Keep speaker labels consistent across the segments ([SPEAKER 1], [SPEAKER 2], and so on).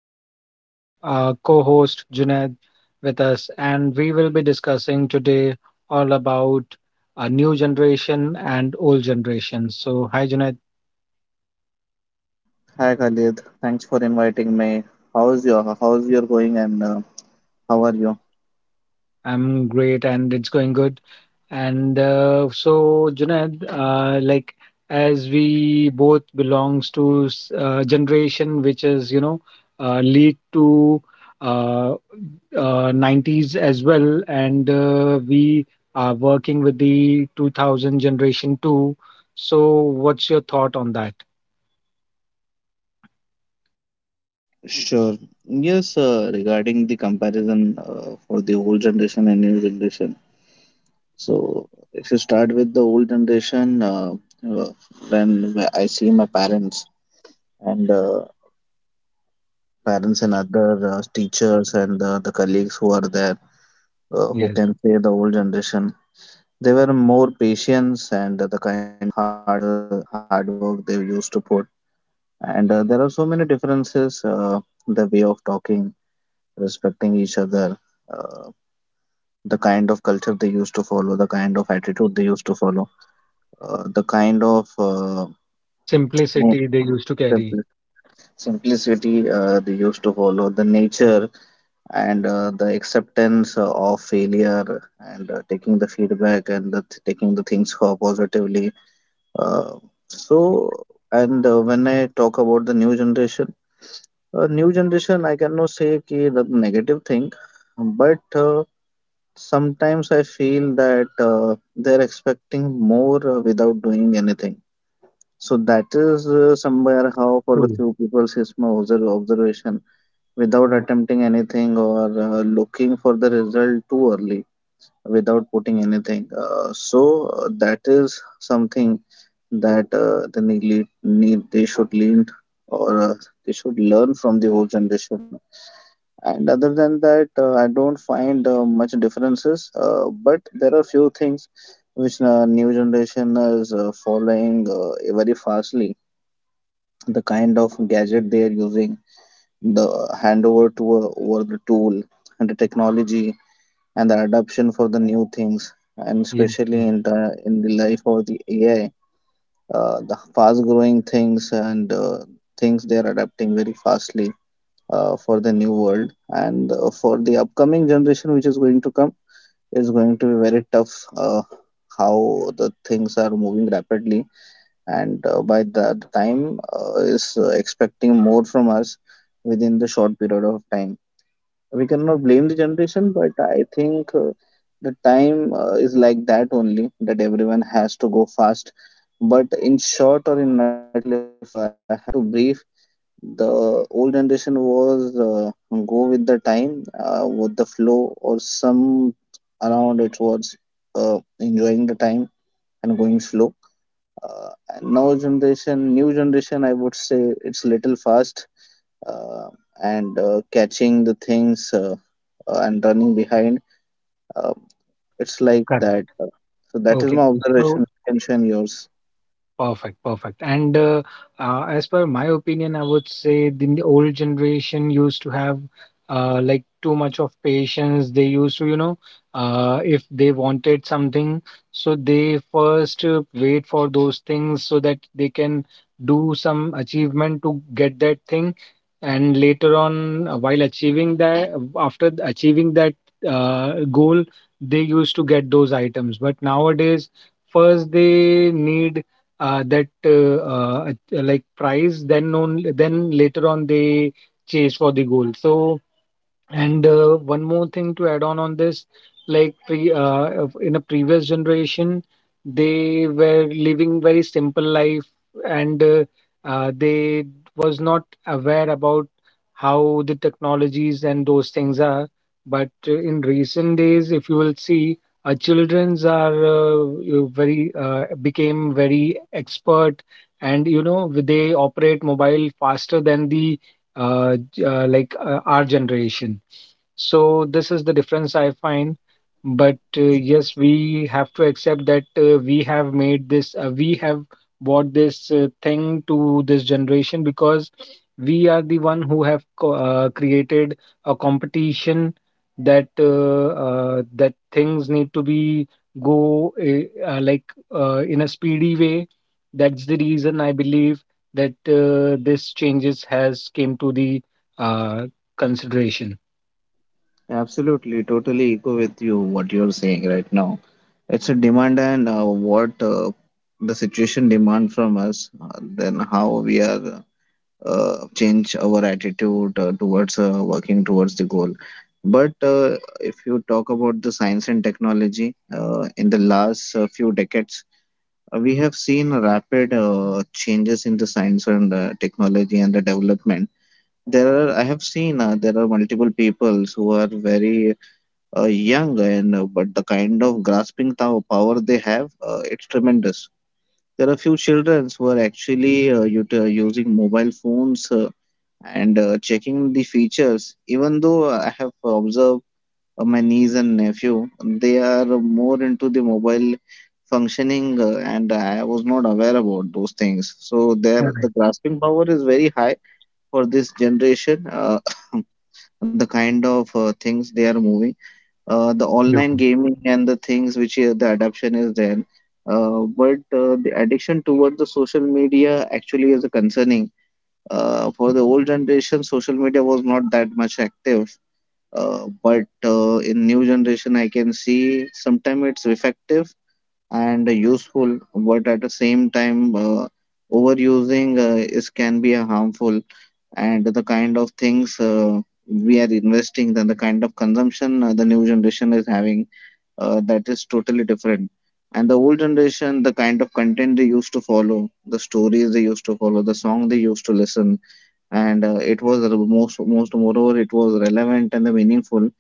[SPEAKER 1] we are having a co host Junaid with us, and we will be discussing today all about a new generation and old generation. So, hi Junaid,
[SPEAKER 2] Hi Khalid, thanks for inviting me. How's your going and how are you?
[SPEAKER 1] I'm great and it's going good. And so, Junaid, like as we both belongs to generation which is lead to. uh, 90s as well, and we are working with the 2000 generation too. So, what's your thought on that?
[SPEAKER 2] Sure. Yes, Regarding the comparison for the old generation and new generation. So if you start with the old generation, uh, when I see my parents and parents and other teachers and the colleagues who are there, who
[SPEAKER 1] Yes,
[SPEAKER 2] can say the old generation, they were more patient and the kind of hard work they used to put. And there are so many differences. The way of talking, respecting each other, uh, the kind of culture they used to follow, the kind of attitude they used to follow, the kind of more
[SPEAKER 1] simplicity they used to carry.
[SPEAKER 2] simpli- simplicity they used to follow, the nature and the acceptance of failure and taking the feedback and taking the things for positively. Uh, so,
[SPEAKER 1] Correct.
[SPEAKER 2] and when I talk about the new generation, I cannot say ki the negative thing, but sometimes I feel that they're expecting more without doing anything. So that is somewhere how for the
[SPEAKER 1] True.
[SPEAKER 2] few people is my observation. Without attempting anything or looking for the result too early, without putting anything. That is something that they need, need they should lean or they should learn from the old generation. And other than that, I don't find much differences, but there are few things which new generation is following very fastly. The kind of gadget they are using, the handover to over the tool, and the technology, and the adoption for the new things, and
[SPEAKER 1] Yes,
[SPEAKER 2] especially
[SPEAKER 1] yes,
[SPEAKER 2] in the life of the AI, the fast growing things and things they are adapting very fastly for the new world and for the upcoming generation which is going to come is going to be very tough. How the things are moving rapidly and by that time is expecting more from us within the short period of time. We cannot blame the generation, but I think the time is like that only, that everyone has to go fast. But in short or in nutshell, if I have to brief, the old generation was go with the time with the flow or some around. It was enjoying the time and going slow. And now generation new generation, I would say it's little fast, uh, and catching the things, and running behind. uh, it's like
[SPEAKER 1] correct.
[SPEAKER 2] that. So that is
[SPEAKER 1] Okay.
[SPEAKER 2] my
[SPEAKER 1] So,
[SPEAKER 2] observation, you can share yours.
[SPEAKER 1] perfect, perfect. And as per my opinion, I would say the old generation used to have like too much of patience. They used to, if they wanted something, so they first wait for those things so that they can do some achievement to get that thing. And later on, while achieving that, after achieving that goal, they used to get those items. But nowadays, first they need that like prize then on, then later on they chase for the goal. So and one more thing to add on this, like in a previous generation, they were living very simple life, and they was not aware about how the technologies and those things are. But in recent days, if you will see, our childrens are you very became very expert, and you know they operate mobile faster than the uh, like our generation. So this is the difference I find. But yes, we have to accept that we have made this, we have brought this thing to this generation because we are the one who have created a competition that that things need to be go like in a speedy way. That's the reason I believe that this changes has came to the uh, consideration.
[SPEAKER 2] Absolutely, totally echo with you what you're saying right now. It's a demand, and what the situation demand from us, then how we are change our attitude towards working towards the goal. But if you talk about the science and technology, in the last few decades, we have seen rapid changes in the science and technology and the development. There are, I have seen there are multiple peoples who are very young, and but the kind of power they have, it's tremendous. There are few children who are actually using mobile phones and checking the features. Even though I have observed my niece and nephew, they are more into the mobile functioning, and I was not aware about those things, so
[SPEAKER 1] Mm,
[SPEAKER 2] there the
[SPEAKER 1] correct.
[SPEAKER 2] grasping power is very high for this generation. The kind of things they are moving, the online
[SPEAKER 1] Absolutely.
[SPEAKER 2] gaming and the things which the adoption is there. But the addiction towards the social media actually is a concerning. For the old generation, social media was not that much active. But in new generation, I can see sometimes it's effective and useful, but at the same time, overusing is can be a harmful, and the kind of things we are investing, then the kind of consumption the new generation is having, that is totally different. And the old generation, the kind of content they used to follow, the stories they used to follow, the song they used to listen, and it was re- most most moreover it was relevant and the meaningful.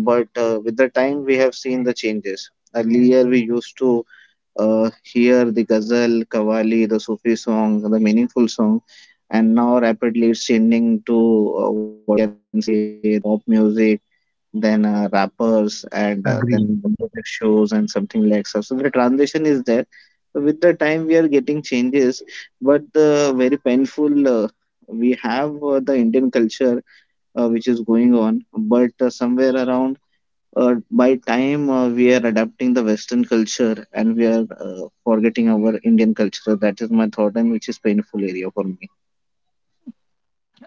[SPEAKER 2] But with the time, we have seen the changes. Earlier, we used to hear the ghazal, qawwali, the Sufi song, the meaningful song, and now rapidly it's changing to what we can say the pop music, then rappers and
[SPEAKER 1] Agree.
[SPEAKER 2] then the music shows and something like that. So the transition is there. So with the time we are getting changes, but the very painful we have the Indian culture which is going on. But somewhere around by time we are adapting the Western culture and we are forgetting our Indian culture. That is my thought, and which is painful area for me.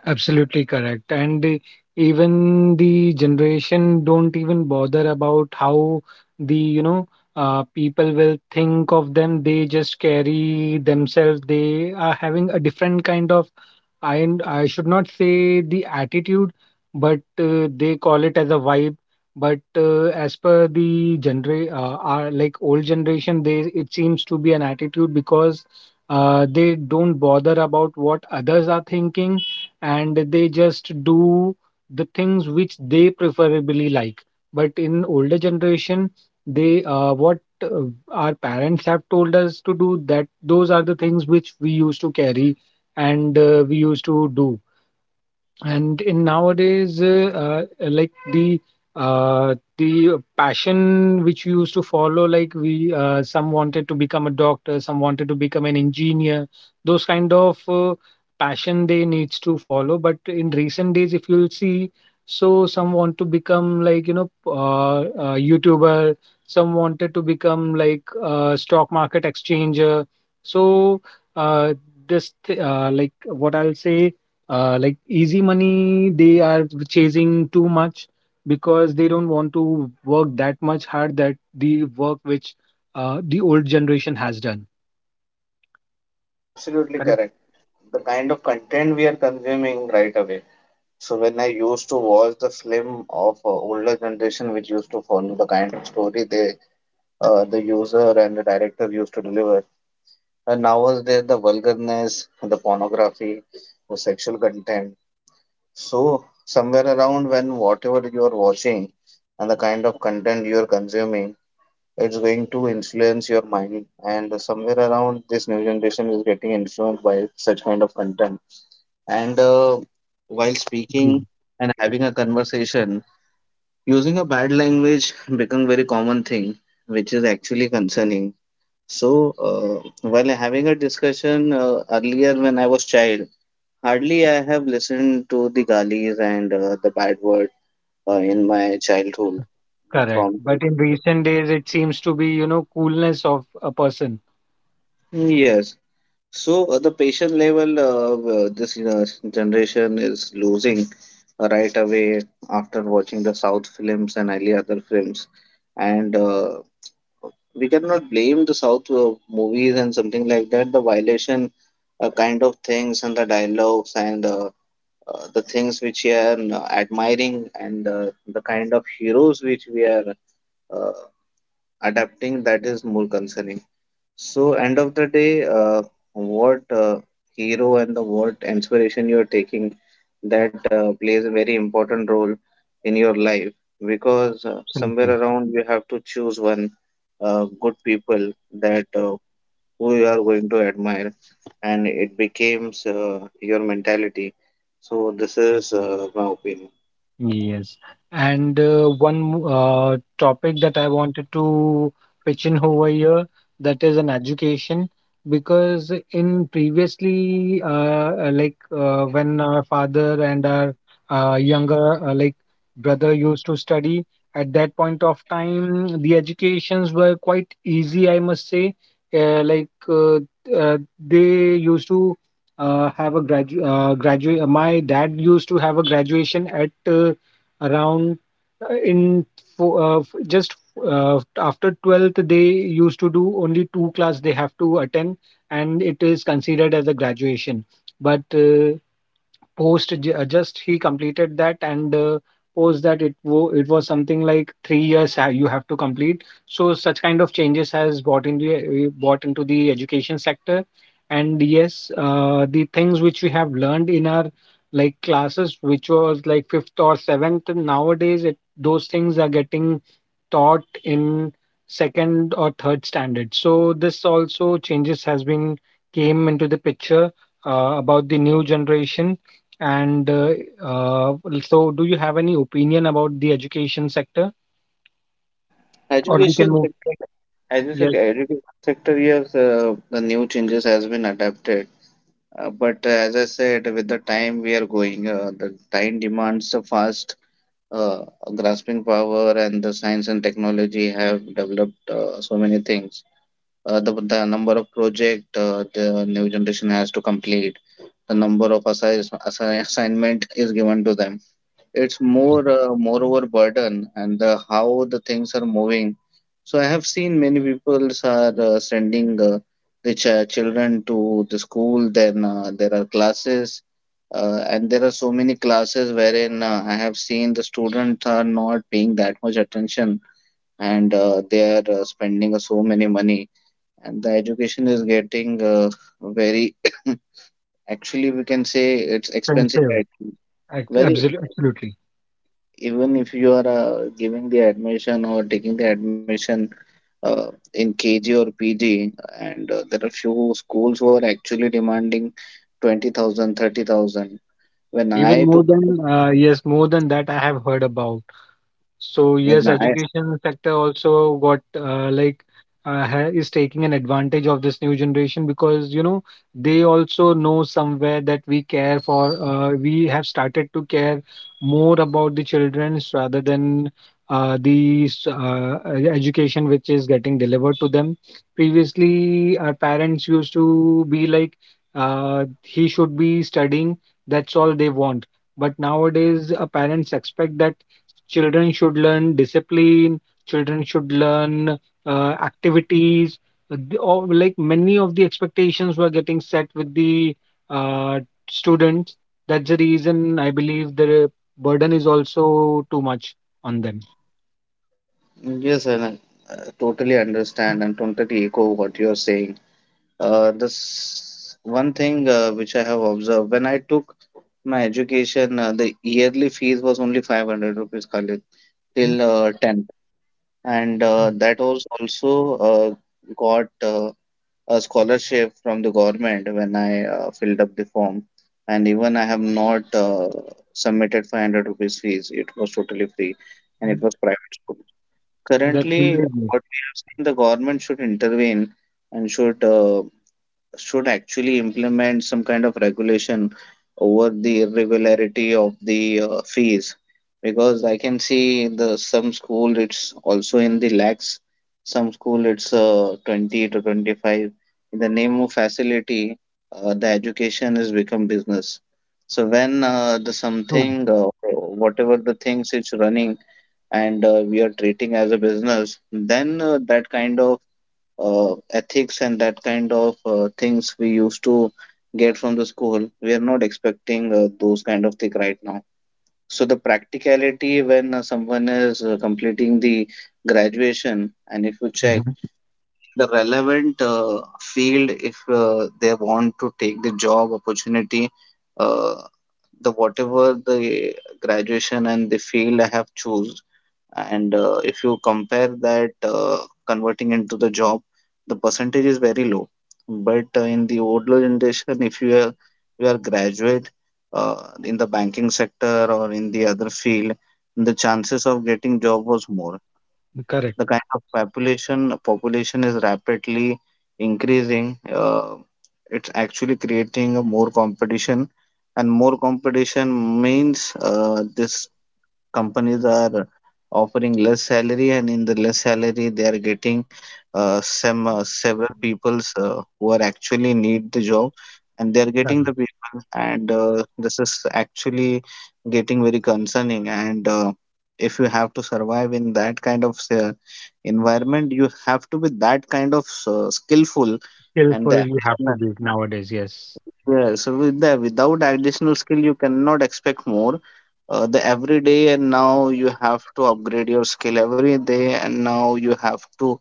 [SPEAKER 1] Absolutely correct. And even the generation don't even bother about how the, you know, people will think of them. They just carry themselves. They are having a different kind of, I should not say the attitude, but they call it as a vibe. But as per the genera our, like old generation, they it seems to be an attitude because they don't bother about what others are thinking and they just do the things which they preferably like. But in older generation, they what our parents have told us to do, that those are the things which we used to carry and we used to do. And in nowadays, like the passion which we used to follow, like we some wanted to become a doctor, some wanted to become an engineer. Those kind of passion they needs to follow. But in recent days, if you'll see, so some want to become like you know YouTuber. Some wanted to become like stock market exchanger. So uh, like what I'll say like easy money they are chasing too much because they don't want to work that much hard that the work which the old generation has done.
[SPEAKER 2] Absolutely
[SPEAKER 1] Correct.
[SPEAKER 2] correct. The kind of content we are consuming right away. So when I used to watch the film of older generation, which used to follow the kind of story they, the user and the director used to deliver, and nowadays the vulgarness, the pornography, the sexual content. So somewhere around when whatever you are watching and the kind of content you are consuming, it's going to influence your mind. And somewhere around this new generation is getting influenced by such kind of content. And while speaking
[SPEAKER 1] Mhm.
[SPEAKER 2] and having a conversation, using a bad language become very common thing, which is actually concerning. So, while having a discussion earlier when I was child, hardly I have listened to the galis and the bad word in my
[SPEAKER 1] Uh,
[SPEAKER 2] childhood
[SPEAKER 1] correct,
[SPEAKER 2] from the
[SPEAKER 1] but in
[SPEAKER 2] older.
[SPEAKER 1] recent days it seems to be you know coolness of a person.
[SPEAKER 2] Yes. So the patient level of this generation is losing right away after watching the South films and early other films, and we cannot blame the South movies and something like that. The violation kind of things and the dialogues and the things which we are admiring and the kind of heroes which we are uh, adapting, that is more concerning. So, end of the day, what hero and the what inspiration you are taking, that plays a very important role in your life, because somewhere
[SPEAKER 1] Absolutely.
[SPEAKER 2] around you have to choose one good people that who you are going to admire, and it becomes your mentality. So, this is my opinion.
[SPEAKER 1] Yes. And one topic that I wanted to pitch in over here, that is an education. Because in previously like when our father and our younger like brother used to study, at that point of time the educations were quite easy, I must say. uh, like uh, uh, they used to have a graduate. My dad used to have a graduation at around uh, in just after 12th, they used to do only two class they have to attend, and it is considered as a graduation. But post just he completed that and post that it it was something like 3 years you have to complete. So such kind of changes has brought into brought into the education sector. And yes, the things which we have learned in our like classes which was like fifth or seventh, nowadays it those things are getting taught in second or third standard. So this also changes has been came into the picture about the new generation. And uh, so, do you have any opinion about the education sector? Or we can
[SPEAKER 2] Education
[SPEAKER 1] move?
[SPEAKER 2] sector,
[SPEAKER 1] Yes,
[SPEAKER 2] education sector years, the new changes has been adapted. But as I said, with the time we are going, the time demands a fast uh, grasping power, and the science and technology have developed so many things. The number of project the new generation has to complete, the number of assignment is given to them, it's
[SPEAKER 1] correct.
[SPEAKER 2] more moreover burden, and the, how the things are moving. So I have seen many people are sending children to the school. Then there are classes, and there are so many classes wherein I have seen the students are not paying that much attention, and they are spending so many money, and the education is getting very. Actually, we can say it's expensive
[SPEAKER 1] Expensive.
[SPEAKER 2] right now. Very
[SPEAKER 1] Absolutely.
[SPEAKER 2] expensive,
[SPEAKER 1] Absolutely.
[SPEAKER 2] even if you are giving the admission or taking the admission uh, in KG or PG, and there are few schools who are actually demanding 20,000, 30,000. When
[SPEAKER 1] Even
[SPEAKER 2] I
[SPEAKER 1] more
[SPEAKER 2] took my
[SPEAKER 1] than,
[SPEAKER 2] edu-
[SPEAKER 1] yes, more than that, I have heard about. So yes,
[SPEAKER 2] when I
[SPEAKER 1] education sector also got like ha is taking an advantage of this new generation, because you know they also know somewhere that we care for. We have started to care more about the childrens rather than education which is getting delivered to them. Previously, our parents used to be like, he should be studying. That's all they want. But nowadays, parents expect that children should learn discipline. Children should learn activities. Or like many of the expectations were getting set with the uh, students. That's the reason I believe the burden is also too much on them.
[SPEAKER 2] yes, and I totally understand and totally echo what you are saying. This one thing which I have observed when I took my education, the yearly fees was only 500 rupees, Khalid, till
[SPEAKER 1] Mhm.
[SPEAKER 2] 10, and that was also got a scholarship from the government when I filled up the form. And even I have not submitted 500 rupees fees. It was totally free, and it
[SPEAKER 1] Mhm.
[SPEAKER 2] was private school.
[SPEAKER 1] That
[SPEAKER 2] Currently,
[SPEAKER 1] really is
[SPEAKER 2] what we have seen, the government should intervene and should actually implement some kind of regulation over the irregularity of the fees, because I can see in the some school it's also in the lakhs, some school it's 20 to 25. In the name of facility, the education has become business. So when the
[SPEAKER 1] true.
[SPEAKER 2] something or whatever the things it's running and we are treating as a business, then that kind of ethics and that kind of things we used to get from the school, we are not expecting those kind of thing right now. So the practicality, when someone is completing the graduation and if you check
[SPEAKER 1] Mhm.
[SPEAKER 2] in the relevant field, if they want to take the job opportunity, uh, the whatever the graduation and the field I have choose, and if you compare that, converting into the job, the percentage is very low. But in the older generation, if you are you are graduate uh, in the banking sector or in the other field, the chances of getting job was more. The
[SPEAKER 1] Correct.
[SPEAKER 2] kind of population is rapidly increasing. It's actually creating a more competition, and more competition means this companies are offering less salary, and in the less salary they are getting some several peoples who are actually need the job, and they are
[SPEAKER 1] Correct.
[SPEAKER 2] getting the people. And this is actually getting very concerning, and if you have to survive in that kind of environment, you have to be that kind of skillful and
[SPEAKER 1] Skillful,
[SPEAKER 2] the
[SPEAKER 1] you have to
[SPEAKER 2] additional.
[SPEAKER 1] be nowadays. Yes,
[SPEAKER 2] Yes, so with the without additional skill, you cannot expect more. The every day, and now you have to upgrade your skill every day, and now you have to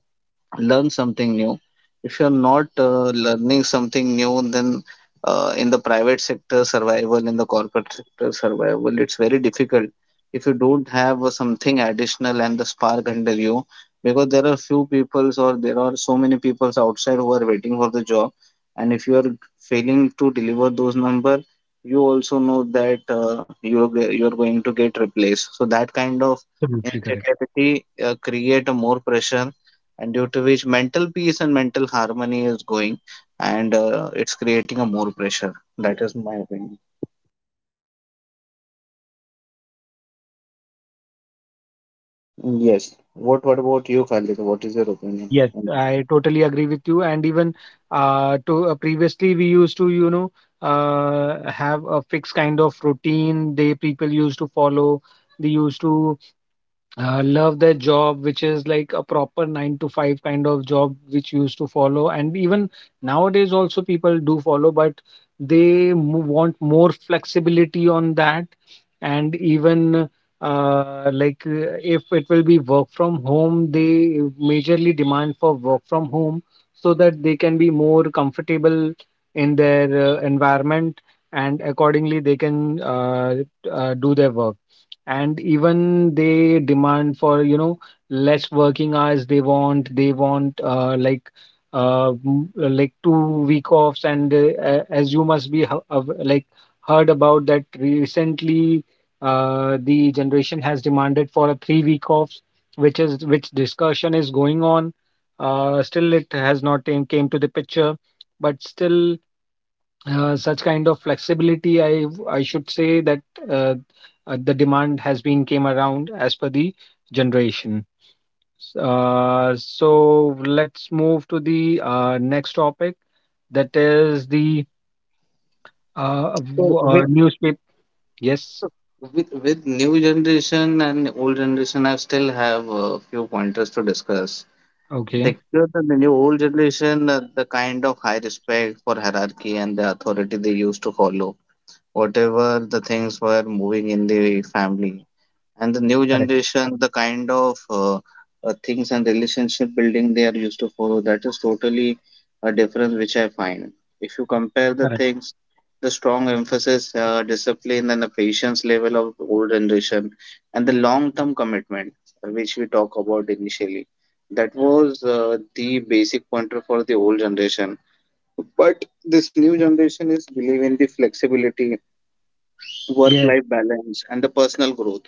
[SPEAKER 2] learn something new. If you're not learning something new, then in the private sector survival, in the corporate sector survival, it's very difficult if you don't have something additional and the spark under you. Because there are few peoples, or there are so many peoples outside who are waiting for the job, and if you are failing to deliver those number, you also know that you're going to get replaced. So that kind of
[SPEAKER 1] absolutely correct.
[SPEAKER 2] insecurity create a more pressure, and due to which mental peace and mental harmony is going, and it's creating a more pressure. That is my opinion. Yes. What about you, Khalid? What is your opinion
[SPEAKER 1] Yes,
[SPEAKER 2] on that?
[SPEAKER 1] I totally agree with you. And even to previously, we used to, you know, have a fixed kind of routine. They people used to follow. They used to love their job, which is like a proper nine to five kind of job which used to follow. And even nowadays, also people do follow, but they want more flexibility on that. And even like if it will be work from home, they majorly demand for work from home so that they can be more comfortable in their environment, and accordingly they can do their work. And even they demand for you know less working hours. They want, they want like like 2 week offs. And as you must be like heard about that recently, the generation has demanded for a 3 week offs, which is which discussion is going on. Still it has not came to the picture. But still, such kind of flexibility I should say that uh, the demand has been came around as per the generation. So let's move to the next topic, that is the
[SPEAKER 2] So with
[SPEAKER 1] newspaper. Yes.
[SPEAKER 2] with with new generation and old generation, I still have a few pointers to discuss. The
[SPEAKER 1] Okay.
[SPEAKER 2] youth and the new old generation, the kind of high respect for hierarchy and the authority they used to follow, whatever the things were moving in the family. And the new
[SPEAKER 1] Correct.
[SPEAKER 2] generation, the kind of things and relationship building they are used to follow, that is totally a difference which I find. If you compare the
[SPEAKER 1] Correct.
[SPEAKER 2] things, the strong emphasis, discipline, and the patience level of old generation, and the long-term commitment which we talk about initially, that was the basic pointer for the old generation. But this new generation is believe in the flexibility, work-life balance, and the personal growth,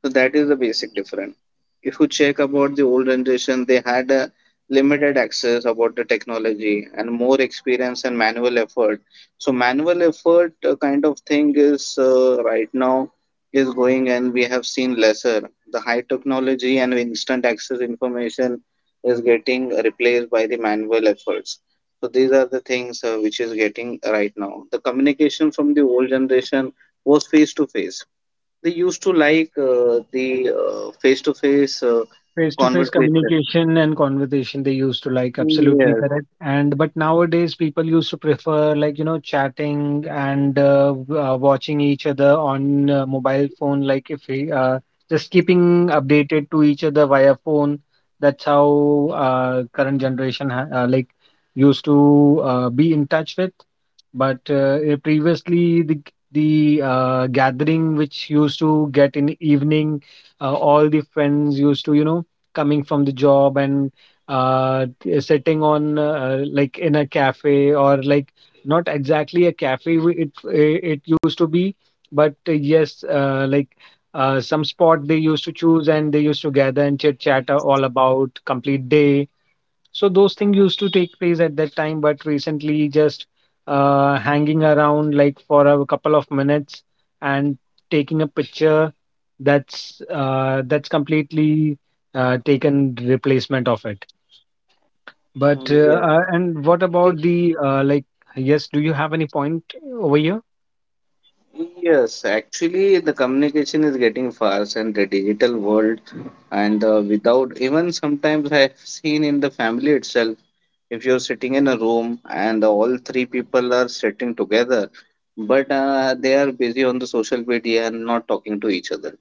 [SPEAKER 2] so that is the basic difference. If you check about the old generation, they had a limited access about the technology and more experience and manual effort. So manual effort kind of thing is right now is going, and we have seen lesser. The high technology and instant access information is getting replaced by the manual efforts. So these are the things which is getting right now. The communication from the old generation was face to face. They used to like the face-to-face
[SPEAKER 1] Face to face
[SPEAKER 2] conversation.
[SPEAKER 1] communication and conversation they used to like, absolutely
[SPEAKER 2] Yes,
[SPEAKER 1] correct. And but nowadays people used to prefer like, you know, chatting and watching each other on mobile phone, like if we just keeping updated to each other via phone. That's how current generation ha like used to be in touch with. But previously the gathering which used to get in evening, all the friends used to, you know, coming from the job and sitting on like in a cafe or like not exactly a cafe it it used to be. But yes like some spot they used to choose and they used to gather and chit chat all about complete day. So those things used to take place at that time, but recently just hanging around like for a couple of minutes and taking a picture, that's completely taken replacement of it. But
[SPEAKER 2] yes,
[SPEAKER 1] and what about the like? Yes, do you have any point over here?
[SPEAKER 2] yes. Actually, the communication is getting fast, and the digital world, and without even, sometimes I have seen in the family itself. If you're sitting in a room and all three people are sitting together, but they are busy on the social media and not talking to each other.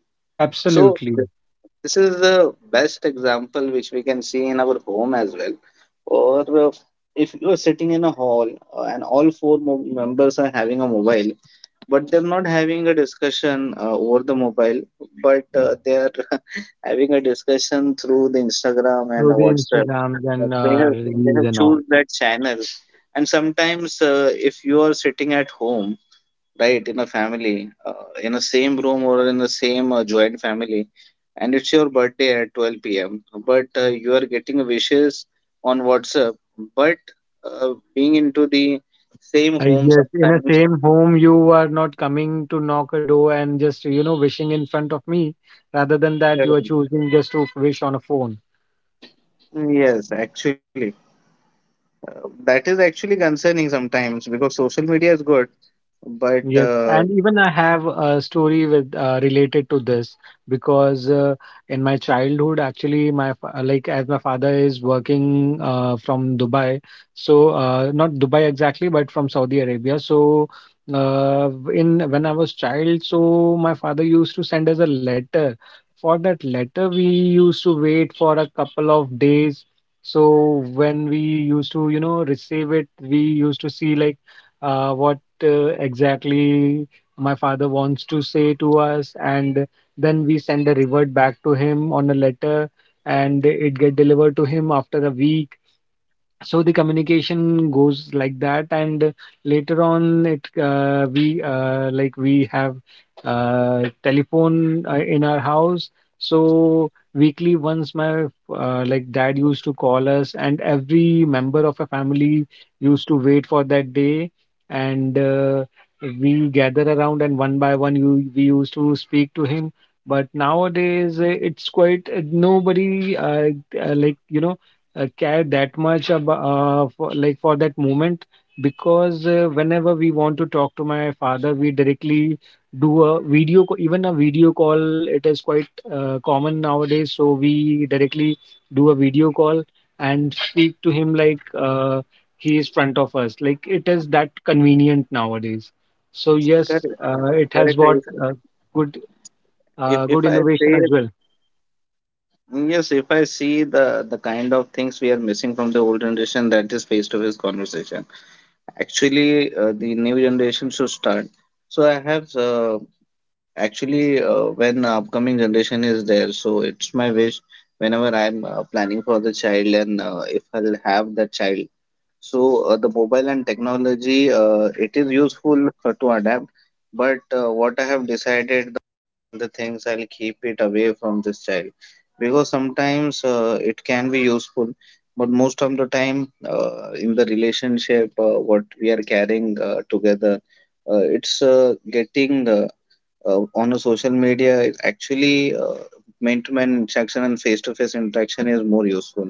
[SPEAKER 2] So
[SPEAKER 1] Absolutely.
[SPEAKER 2] this is the best example which we can see in our home as well. Or if you are sitting in a hall and all four members are having a mobile, but they're not having a discussion over the mobile, but they are having a discussion through the Instagram and
[SPEAKER 1] Through the
[SPEAKER 2] WhatsApp.
[SPEAKER 1] Instagrams
[SPEAKER 2] But
[SPEAKER 1] and
[SPEAKER 2] they have they
[SPEAKER 1] reels
[SPEAKER 2] have
[SPEAKER 1] and all.
[SPEAKER 2] choose that channel, and sometimes if you are sitting at home right in a family in the same room or in the same joint family, and it's your birthday at 12 p.m, but you are getting wishes on WhatsApp, but being into the same home
[SPEAKER 1] Yes, in a
[SPEAKER 2] sometimes.
[SPEAKER 1] same home, you are not coming to knock a door and just, you know, wishing in front of me. Rather than that, you are choosing just to wish on a phone.
[SPEAKER 2] Yes, actually, that is actually concerning sometimes, because social media is good, but
[SPEAKER 1] Yes, and even I have a story with related to this because in my childhood, actually, my like as my father is working from Dubai, so not Dubai exactly, but from Saudi Arabia. So uh, in when I was child, so my father used to send us a letter. For that letter, we used to wait for a couple of days. So when we used to, receive it, we used to see like what exactly my father wants to say to us, and then we send a revert back to him on a letter, and it get delivered to him after a week. So the communication goes like that and Later on it we like we have telephone in our house. So weekly once my like dad used to call us, and every member of a family used to wait for that day and We gather around, and one by one we used to speak to him. But nowadays it's quite nobody like you know care that much about like for that moment. Because whenever we want to talk to my father, we directly do a even a video call, it is quite common nowadays. So we directly do a video call and speak to him like he is front of us, like it is that convenient nowadays. So
[SPEAKER 2] correct,
[SPEAKER 1] yes, it has
[SPEAKER 2] correct.
[SPEAKER 1] got
[SPEAKER 2] if,
[SPEAKER 1] good
[SPEAKER 2] if if
[SPEAKER 1] good
[SPEAKER 2] I
[SPEAKER 1] innovation
[SPEAKER 2] say,
[SPEAKER 1] as well.
[SPEAKER 2] yes, if I see the kind of things we are missing from the old generation, that is face-to-face conversation. Actually, the new generation should start. So I have actually when upcoming generation is there, so it's my wish whenever I'm planning for the child, and if I'll have that child, so the mobile and technology, it is useful to adapt, but what I have decided, the things I'll keep it away from this child, because sometimes it can be useful, but most of the time in the relationship, what we are carrying together, it's getting on a social media. It actually, man-to-man interaction and face-to-face interaction is more useful.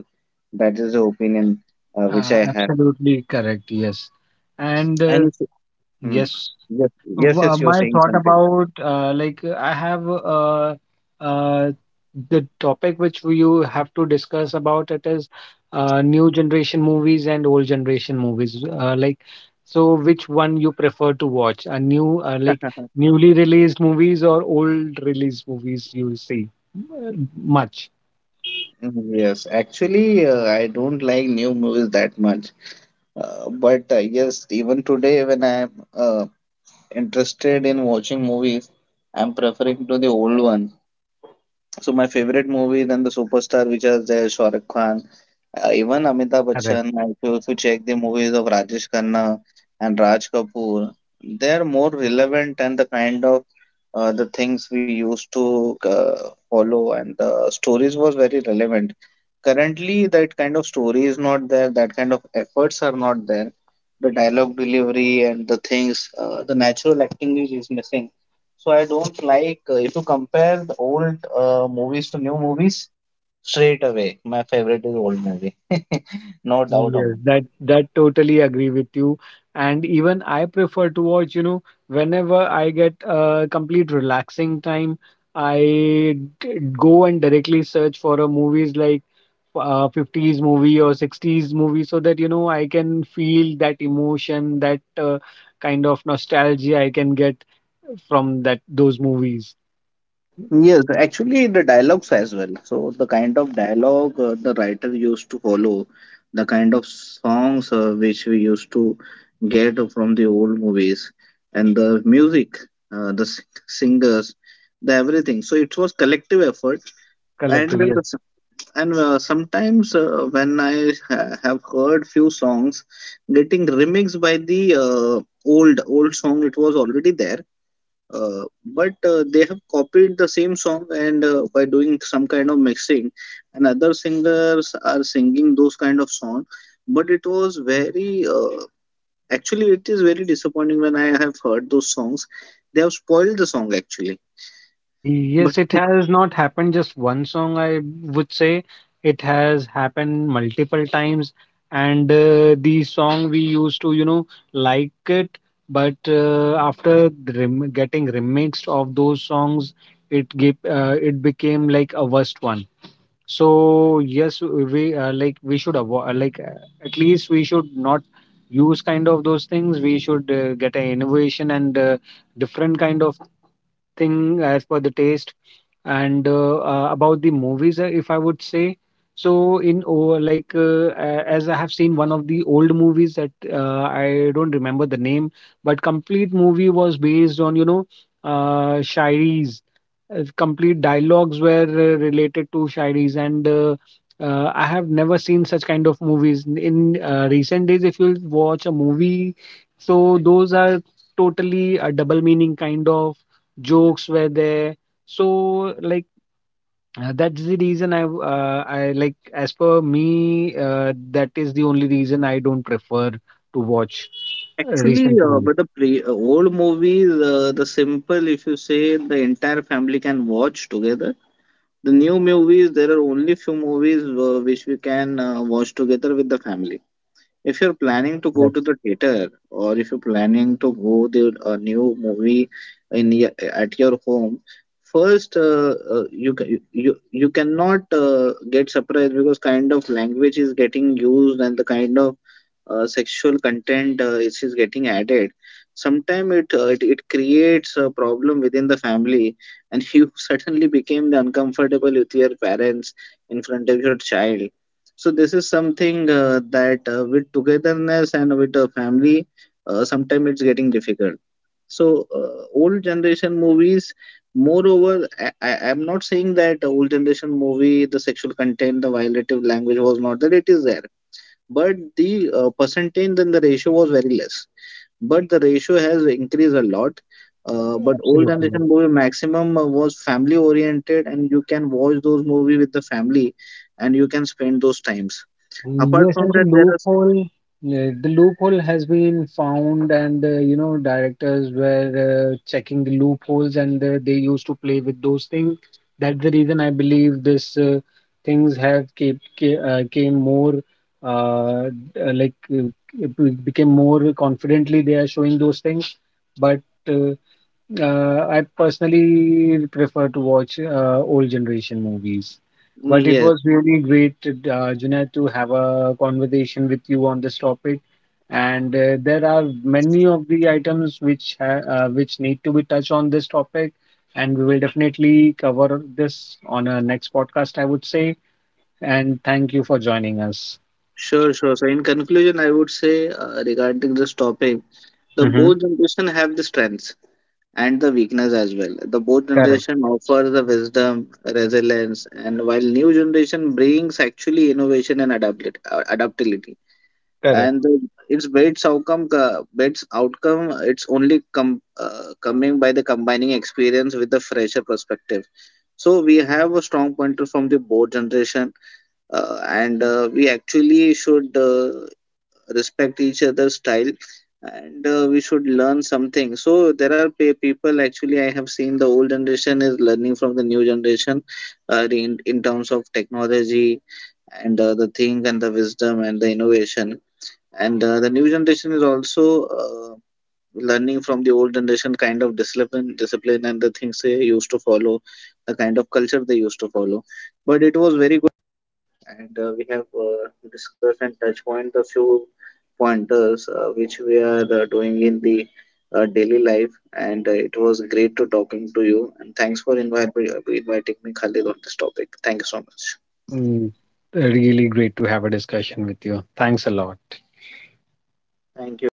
[SPEAKER 2] That is the opinion which I have.
[SPEAKER 1] Absolutely correct, yes, and
[SPEAKER 2] And. Mm.
[SPEAKER 1] yes.
[SPEAKER 2] Yes, yes, yes, you're
[SPEAKER 1] My
[SPEAKER 2] saying
[SPEAKER 1] thought
[SPEAKER 2] something.
[SPEAKER 1] about like I have uh, the topic which you have to discuss about it is, new generation movies and old generation movies. So which one you prefer to watch? A new newly released movies, or old released movies you see uh, much?
[SPEAKER 2] Mm, yes, actually, I don't like new movies that much. But yes, even today, when I'm uh, interested in watching movies, I'm preferring to the old one. So my favorite movie than the superstar, which is there, Shahrukh Khan, even Amitabh
[SPEAKER 1] Yeah.
[SPEAKER 2] Bachchan, if you check the movies of Rajesh Khanna and Raj Kapoor, they are more relevant, and the kind of the things we used to follow, and the stories was very relevant. Currently, that kind of story is not there, that kind of efforts are not there. The dialogue delivery and the things, the natural acting is missing. So I don't like if you compare the old movies to new movies. Straight away, my favorite is old movie. No doubt of
[SPEAKER 1] Yes,
[SPEAKER 2] it.
[SPEAKER 1] that totally agree with you. And even I prefer to watch, you know, whenever I get a complete relaxing time, I go and directly search for a movies like 50s movie or 60s movie, so that, you know, I can feel that emotion, that kind of nostalgia I can get from that those movies
[SPEAKER 2] Yes, actually, the dialogues as well. So the kind of dialogue the writer used to follow, the kind of songs which we used to get from the old movies, and the music, uh, the s- singers, the everything. So it was collective effort, and
[SPEAKER 1] collectively.
[SPEAKER 2] sometimes have heard few songs getting remixed by the old old song, it was already there, but they have copied the same song, and by doing some kind of mixing, and other singers are singing those kind of song, but it was very actually, it is very disappointing when I have heard those songs. They have spoiled the song actually, but
[SPEAKER 1] Yes, it has not happened just one song. I would say it has happened multiple times. And the song we used to, you know, like it, but after the rem getting remixed of those songs, it became like a worst one. So yes, we like we should avoid at least we should not use kind of those things. We should get an innovation and different kind of thing as per the taste. And About the movies, if I would say, so in oh like a- as I have seen one of the old movies that I don't remember the name, but complete movie was based on, you know, shairis. Complete dialogues were related to shairis. And I have never seen such kind of movies in recent days. If you watch a movie, so those are totally a double meaning kind of jokes were there. so like that's the reason I w- I like as per me, that is the only reason I don't prefer to watch
[SPEAKER 2] actually,
[SPEAKER 1] recent movies.
[SPEAKER 2] but the pre old movies, the simple, if you say, the entire family can watch together. The new movies, there are only few movies which we can watch together with the family. If you're planning to go
[SPEAKER 1] Correct.
[SPEAKER 2] to the theater, or if you're planning to go to a new movie in your, at your home, first you, ca- you cannot get surprised, because kind of language is getting used, and the kind of sexual content is getting added. Sometimes it creates a problem within the family, and you suddenly became the uncomfortable with your parents in front of your child. So this is something that with togetherness and with a family, sometimes it's getting difficult. So old generation movies, moreover, I'm not saying that old generation movie, the sexual content, the violative language was not there. It is there, but the percentage and the ratio was very less. But the ratio has increased a lot. But old
[SPEAKER 1] Absolutely.
[SPEAKER 2] generation movie maximum was family oriented, and you can watch those movie with the family, and you can spend those times apart
[SPEAKER 1] Yes,
[SPEAKER 2] from
[SPEAKER 1] and
[SPEAKER 2] that. There are
[SPEAKER 1] the loophole has been found, and, you know, directors were checking the loopholes, and they used to play with those things. That's the reason I believe this things have came more uh, uh, like uh, became more confidently. They are showing those things. But. Uh, I personally prefer to watch old generation movies.
[SPEAKER 2] mm,
[SPEAKER 1] But it
[SPEAKER 2] yes,
[SPEAKER 1] was really great, Junaid, to have a conversation with you on this topic. And there are many of the items which which need to be touched on this topic, and we will definitely cover this on our next podcast, I would say. And thank you for joining us.
[SPEAKER 2] sure, sure. So in conclusion, I would say, regarding this topic, the
[SPEAKER 1] Hmm.
[SPEAKER 2] both generation have the strengths and the weakness as well. The both
[SPEAKER 1] Correct,
[SPEAKER 2] generation offers the wisdom, resilience, and while new generation brings actually innovation and adaptability, adaptability
[SPEAKER 1] correct.
[SPEAKER 2] and the, its best outcome, coming by the combining experience with the fresher perspective. So we have a strong pointer from the both generation, and we actually should respect each other's style, and we should learn something. So there are people, actually, I have seen the old generation is learning from the new generation in terms of technology and the thing and the wisdom and the innovation. And the new generation is also learning from the old generation, kind of discipline and the things they used to follow, the kind of culture they used to follow. But it was very good, and we have discussed and touch point a few pointers which we are doing in the daily life. And it was great to talking to you, and thanks for inviting me, Khalid, on this topic. Thank you so much.
[SPEAKER 1] Mm, really great to have a discussion with you. Thanks a lot.
[SPEAKER 2] Thank you.